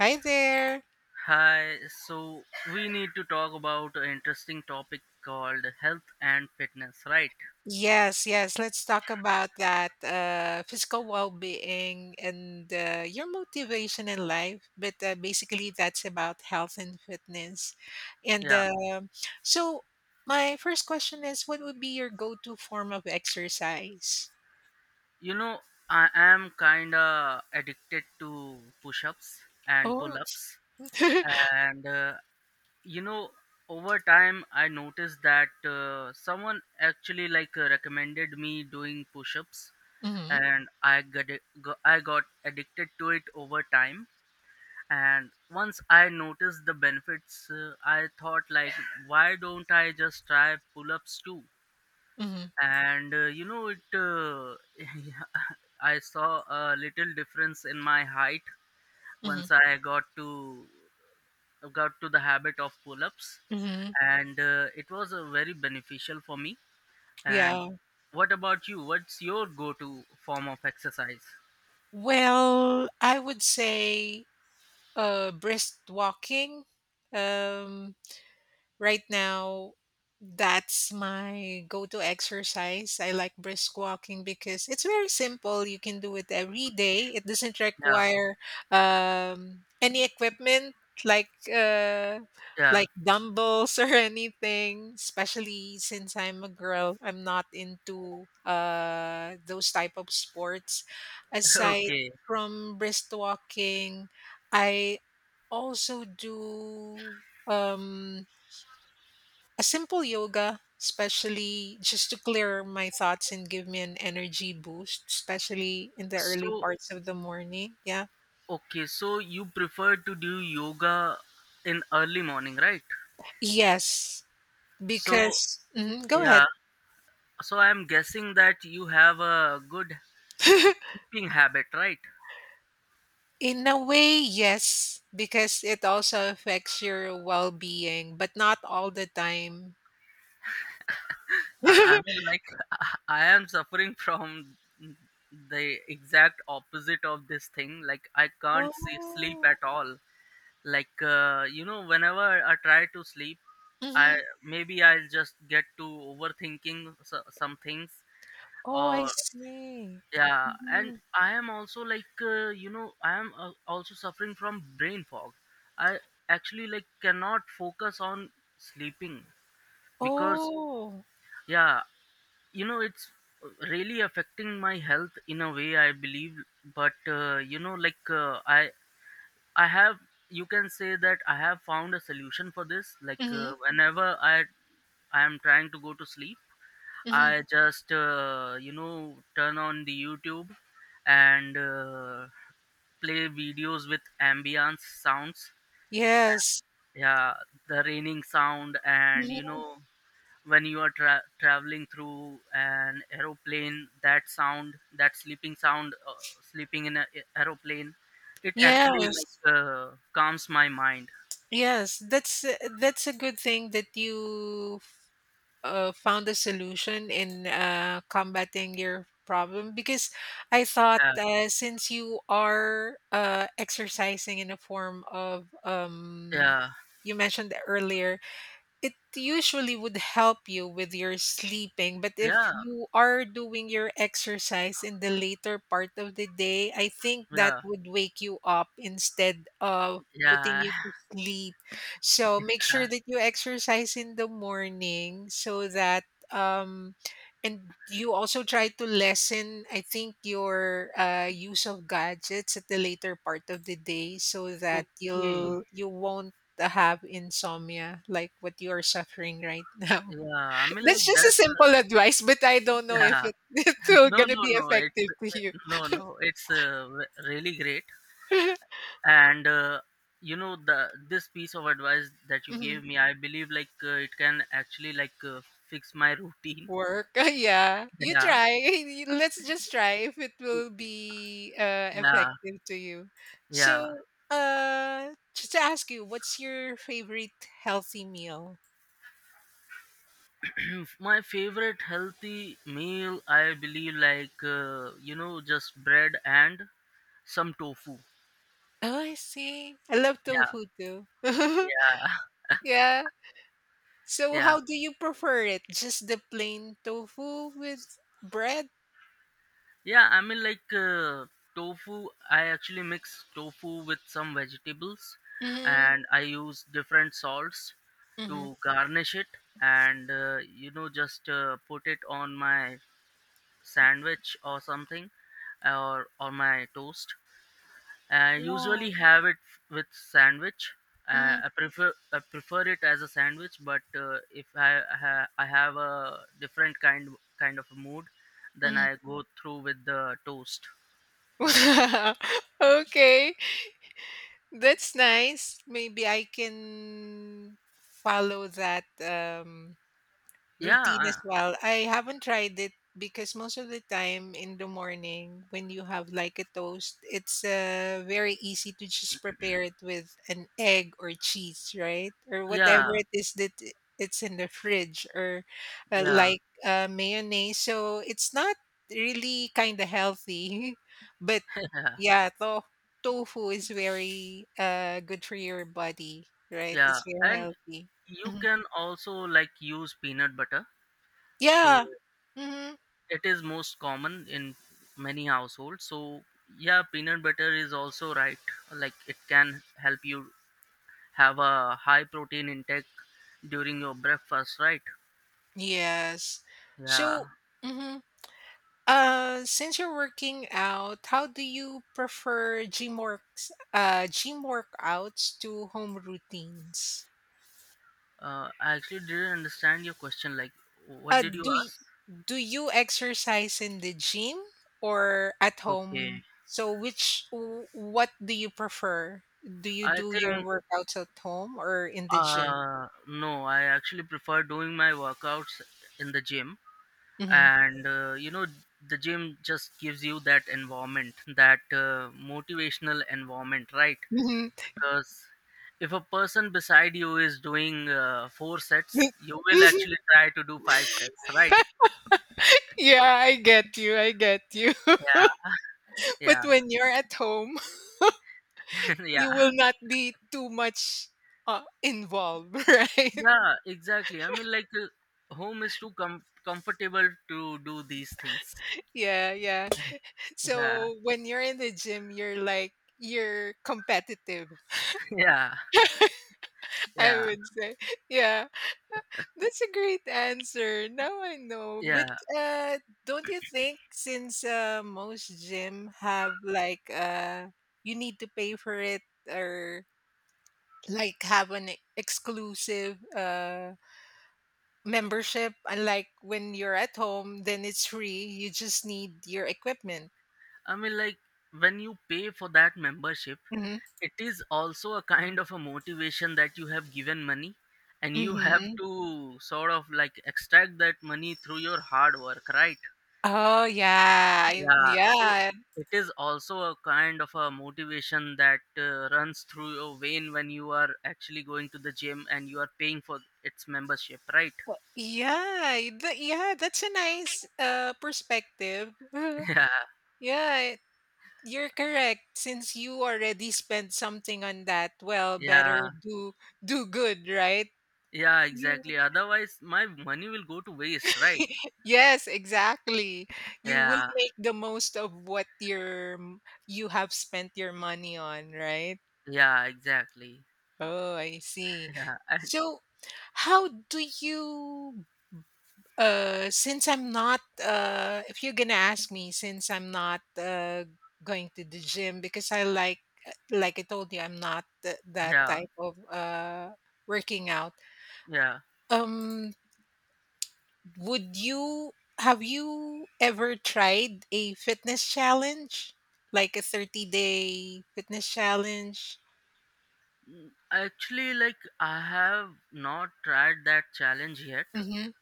Hi there. Hi, so we need to talk about an interesting topic called health and fitness, right? Yes, yes. Let's talk about that physical well-being and your motivation in life. But basically, that's about health and fitness. And Yeah, uh, so, my first question is, what would be your go-to form of exercise? you know, I am kind of addicted to push ups and pull Oh. ups, and you know, over time I noticed that someone actually recommended me doing push ups, Hmm. and I got addicted to it over time, and once I noticed the benefits I thought like why don't I just try pull-ups too. Hmm. And you know it I saw a little difference in my height Hmm. once I got to the habit of pull-ups, Hmm. and it was very beneficial for me. And Yeah. what about you, what's your go-to form of exercise? Well, I would say brisk walking. Um, Right now, that's my go to exercise. I like brisk walking because it's very simple. You can do it every day, it doesn't Yeah, require any equipment like uh yeah, like dumbbells or anything, especially since I'm a girl, I'm not into those type of sports. Aside okay. from brisk walking, I also do um a simple yoga, especially just to clear my thoughts and give me an energy boost, especially in the early So parts of the morning. Yeah. okay, so you prefer to do yoga in early morning, right? Yes, So because go ahead. yeah, so I'm guessing that you have a good sleeping habit, right? In a way, yes, because it also affects your well being, but not all the time. I mean, like, I am suffering from the exact opposite of this thing. Like I can't see, sleep Oh. at all. Like you know, whenever I try to sleep, I Mhm. maybe I'll just get to overthinking so, some things, Oh, I or see. yeah. And Mhm. I am also you know, i am also suffering from brain fog. I actually like cannot focus on sleeping, because Oh. yeah, you know it's really affecting my health in a way I believe. But you know I have, you can say that I have found a solution for this, Hmm. whenever I am trying to go to sleep, Hmm. I just you know, turn on the youtube, and play videos with ambience sounds. Yes. Yeah, the raining sound, and you Mhm. know, when you are traveling through an aeroplane, that sound, that sleeping sound, sleeping in an aeroplane, it actually Yes. Calms my mind. Yes, that's that's a good thing that you found a solution in combating your problem, because I thought Yeah. Since you are exercising in a form of Yeah. you mentioned earlier, it usually would help you with your sleeping, but if Yeah. you are doing your exercise in the later part of the day, I think that would wake you up instead of putting Yeah, you to sleep. So make yeah, sure that you exercise in the morning, so that um and you also try to lessen, I think, your use of gadgets at the later part of the day, so that okay. You won't have insomnia like what you are suffering right now. Yeah, I mean That's like just a that's simple advice, but I don't know if yeah. it, it's still No, gonna no, be no, it's, effective to you. no no, it's really great. And you know, the this piece of advice that you Mhm. gave me, I believe it can actually fix my routine. Work, yeah. You Yeah. try. Let's just try if it will be Yeah. effective to you. Yeah. So, just to ask you, what's your favorite healthy meal? My favorite healthy meal, I believe you know, just bread and some tofu. Oh, I see. I love Yeah, tofu too. yeah, Yeah. So yeah. how do you prefer it? Just the plain tofu with bread? Yeah, I mean tofu. I actually mix tofu with some vegetables, Mm-hmm. and I use different salts Mm-hmm. to garnish it, and you know, just put it on my sandwich or something, or on my toast. I usually Wow. have it with sandwich. Mm-hmm. I prefer it as a sandwich, but if I have a different kind of a mood, then I go through with the toast. Mm-hmm. Okay. That's nice. Maybe I can follow that Yeah, routine as well. I haven't tried it because most of the time in the morning when you have like a toast, it's very easy to just prepare it with an egg or cheese, right? Or whatever yeah, it is that it's in the fridge, or yeah, mayonnaise. So it's not really kind of healthy, but yeah, yeah, tofu is very good for your body, right? yeah. It's very And healthy. you Mhm. can also like use peanut butter. So Yeah. Mhm. it is most common in many households. So yeah, peanut butter is also right. Like it can help you have a high protein intake during your breakfast, right? Yes. Yeah. So, hmm since you're working out, how do you prefer gym works, gym workouts to home routines? I actually didn't understand your question. Like, what Uh, did do you y ask? do you exercise in the gym or at Okay. home? So, what do you prefer? Do you I do your think workouts at home or in the gym? No, I actually prefer doing my workouts in the gym. Hmm. And you know, the gym just gives you that environment, that motivational environment, right? Hmm. Because if a person beside you is doing four sets, you will actually try to do five sets, right? Yeah, I get you. I get you. Yeah, But when you're at home, yeah, you yeah. will not be too much involved, right? Yeah, exactly, I mean home is too comfortable to do these things. Yeah, yeah. Yeah, So when you're in the gym, you're like you're competitive. yeah, I yeah, would say, yeah, that's a great answer. Now I know, but yeah. uh, don't you think since most gym have you need to pay for it, or like have an exclusive membership, unlike when you're at home, then it's free, you just need your equipment. I mean, like, when you pay for that membership, Hmm. it is also a kind of a motivation, that you have given money, and you have Hmm. to sort of like extract that money through your hard work, right? Oh yeah. Yeah, so Yeah. it is also a kind of a motivation that runs through your vein when you are actually going to the gym and you are paying for its membership, right? Well, yeah, that's a nice perspective. Yeah. Yeah, you're correct, since you already spent something on that, well, Yeah, better do good, right? yeah exactly, otherwise my money will go to waste, right? Yes, exactly. You will Yeah, make the most of what your you have spent your money on, right? yeah exactly. Oh, I see. Yeah, and So, how do you since I'm not if you're going to ask me, since I'm not going to the gym, because I like I told you, I'm not that yeah, type of working out. yeah. Um Would you have you ever tried a fitness challenge? Like a 30-day fitness challenge? Mm, actually, like I have not tried that challenge yet. Mhm.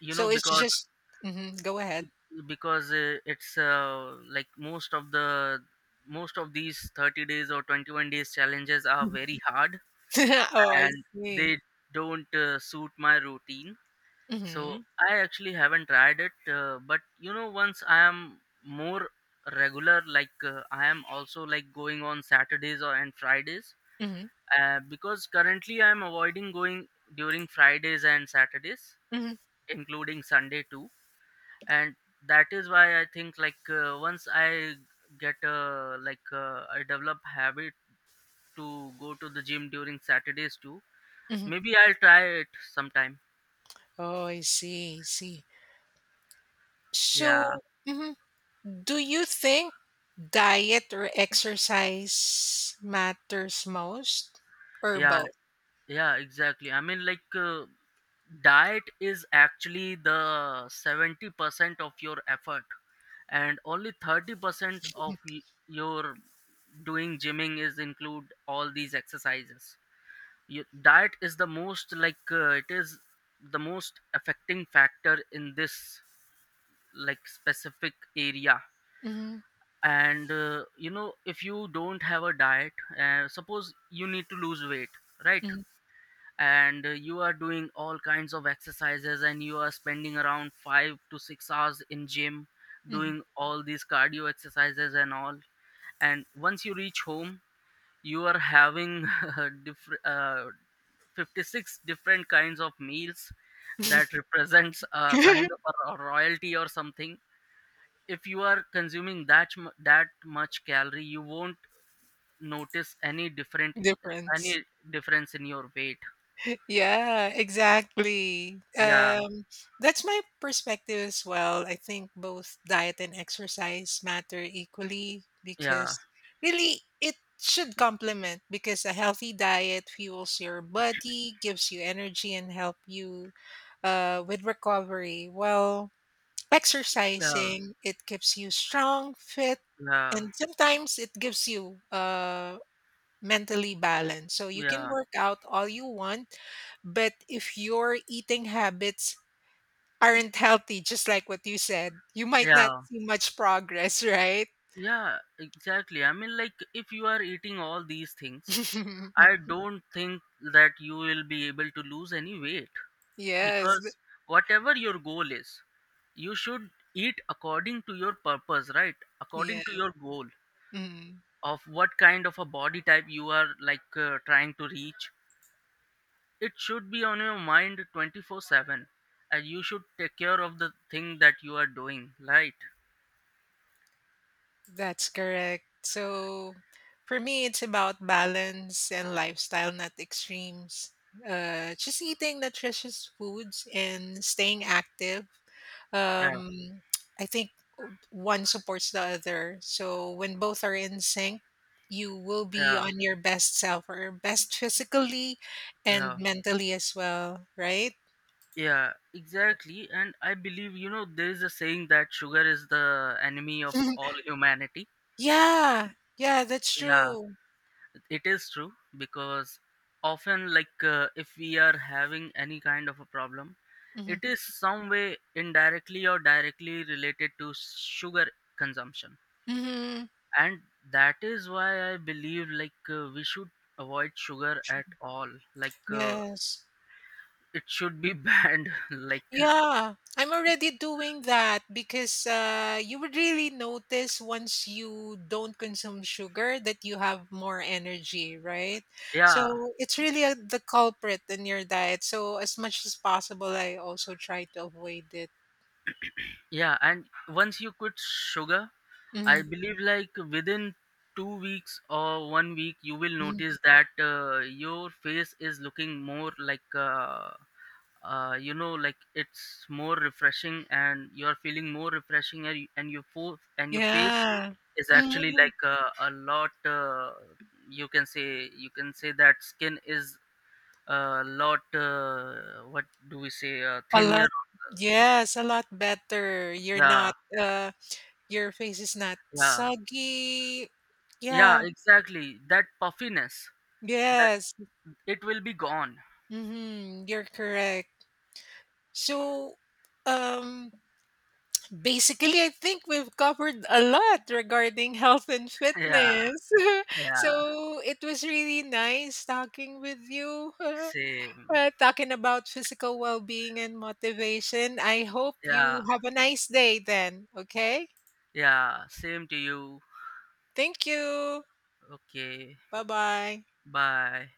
You know, So it's just mhm, go ahead. because it's most of these 30 days or 21 days challenges are very hard, Oh, I and see. they don't suit my routine. So Mhm. I actually haven't tried it. But you know, once I am more regular, I am also like going on Saturdays or and Fridays, Mhm. Because currently I'm avoiding going during fridays and saturdays, Mhm. including sunday too. And that is why I think once I get a I develop habit to go to the gym during saturdays too, Mhm. maybe I'll try it sometime. Oh, I see, I see. Yeah So, do you think diet or exercise matters most, or yeah. both? Yeah, exactly, I mean, like, diet is actually the 70% of your effort, and only 30% of your doing gymming is include all these exercises. Your diet is the most, like, it is the most affecting factor in this, like, specific area. Mhm. And, you know, if you don't have a diet, suppose you need to lose weight, right? Mhm. And you are doing all kinds of exercises, and you are spending around 5 to 6 hours in gym Mhm. doing all these cardio exercises and all. And once you reach home, you are having different 56 different kinds of meals that represents a kind of a royalty or something. If you are consuming that much calorie, you won't notice any different, Difference. any difference in your weight. Yeah, exactly. Yeah, That's my perspective as well. I think both diet and exercise matter equally, yeah, because really it should complement, because a healthy diet fuels your body, gives you energy, and help you with recovery. While yeah. exercising, it keeps you strong, fit, Yeah, and sometimes it gives you mentally balance. So you can yeah, work out all you want, but if your eating habits aren't healthy, just like what you said, you might not yeah, see much progress, right? yeah, exactly. I mean, like, if you are eating all these things, I don't think that you will be able to lose any weight, Yes. because whatever your goal is, you should eat according to your purpose, right? According to Yeah. your goal Mm, of what kind of a body type you are like trying to reach. It should be on your mind 24/7, and you should take care of the thing that you are doing, right? that's correct. So for me, it's about balance and lifestyle, not extremes. Just eating nutritious foods and staying active. Yeah, Um, I think one supports the other. So when both are in sync, you will be yeah, on your best self, or best physically and yeah. mentally as well, right? Yeah, exactly. And I believe, you know, there is a saying that sugar is the enemy of all humanity. Yeah. Yeah, that's Yeah, true. it is true, because often, like, if we are having any kind of a problem, Hmm. it is some way indirectly or directly related to sugar consumption. Hmm. And that is why I believe, like, we should avoid sugar at all. Like, Yes. it should be banned. Like, Yeah, I'm already doing that, because you would really notice once you don't consume sugar that you have more energy, right? yeah, So it's really a, the culprit in your diet. So as much as possible, I also try to avoid it. yeah. And once you quit sugar, I Mhm. believe like within 2 weeks or one week, you will Mhm. notice that your face is looking more like you know like it's more refreshing, and you're feeling more refreshing and and your face Yeah. is actually Mhm. like a lot you can say, you can say that skin is a lot what do we say, A thinner. lot. Yes, a lot better. You're Yeah, not, your face is not yeah, soggy. yeah Yeah. exactly, that puffiness, that, Yes. it will be gone. Mm-hmm. You're correct. So, um, basically, I think we've covered a lot regarding health and Yeah, fitness. yeah, So, it was really nice talking with you, same. Talking about physical well being and motivation. I hope you Yeah, have a nice day then. Okay. yeah, same to you. Thank you. Okay, Bye bye. bye.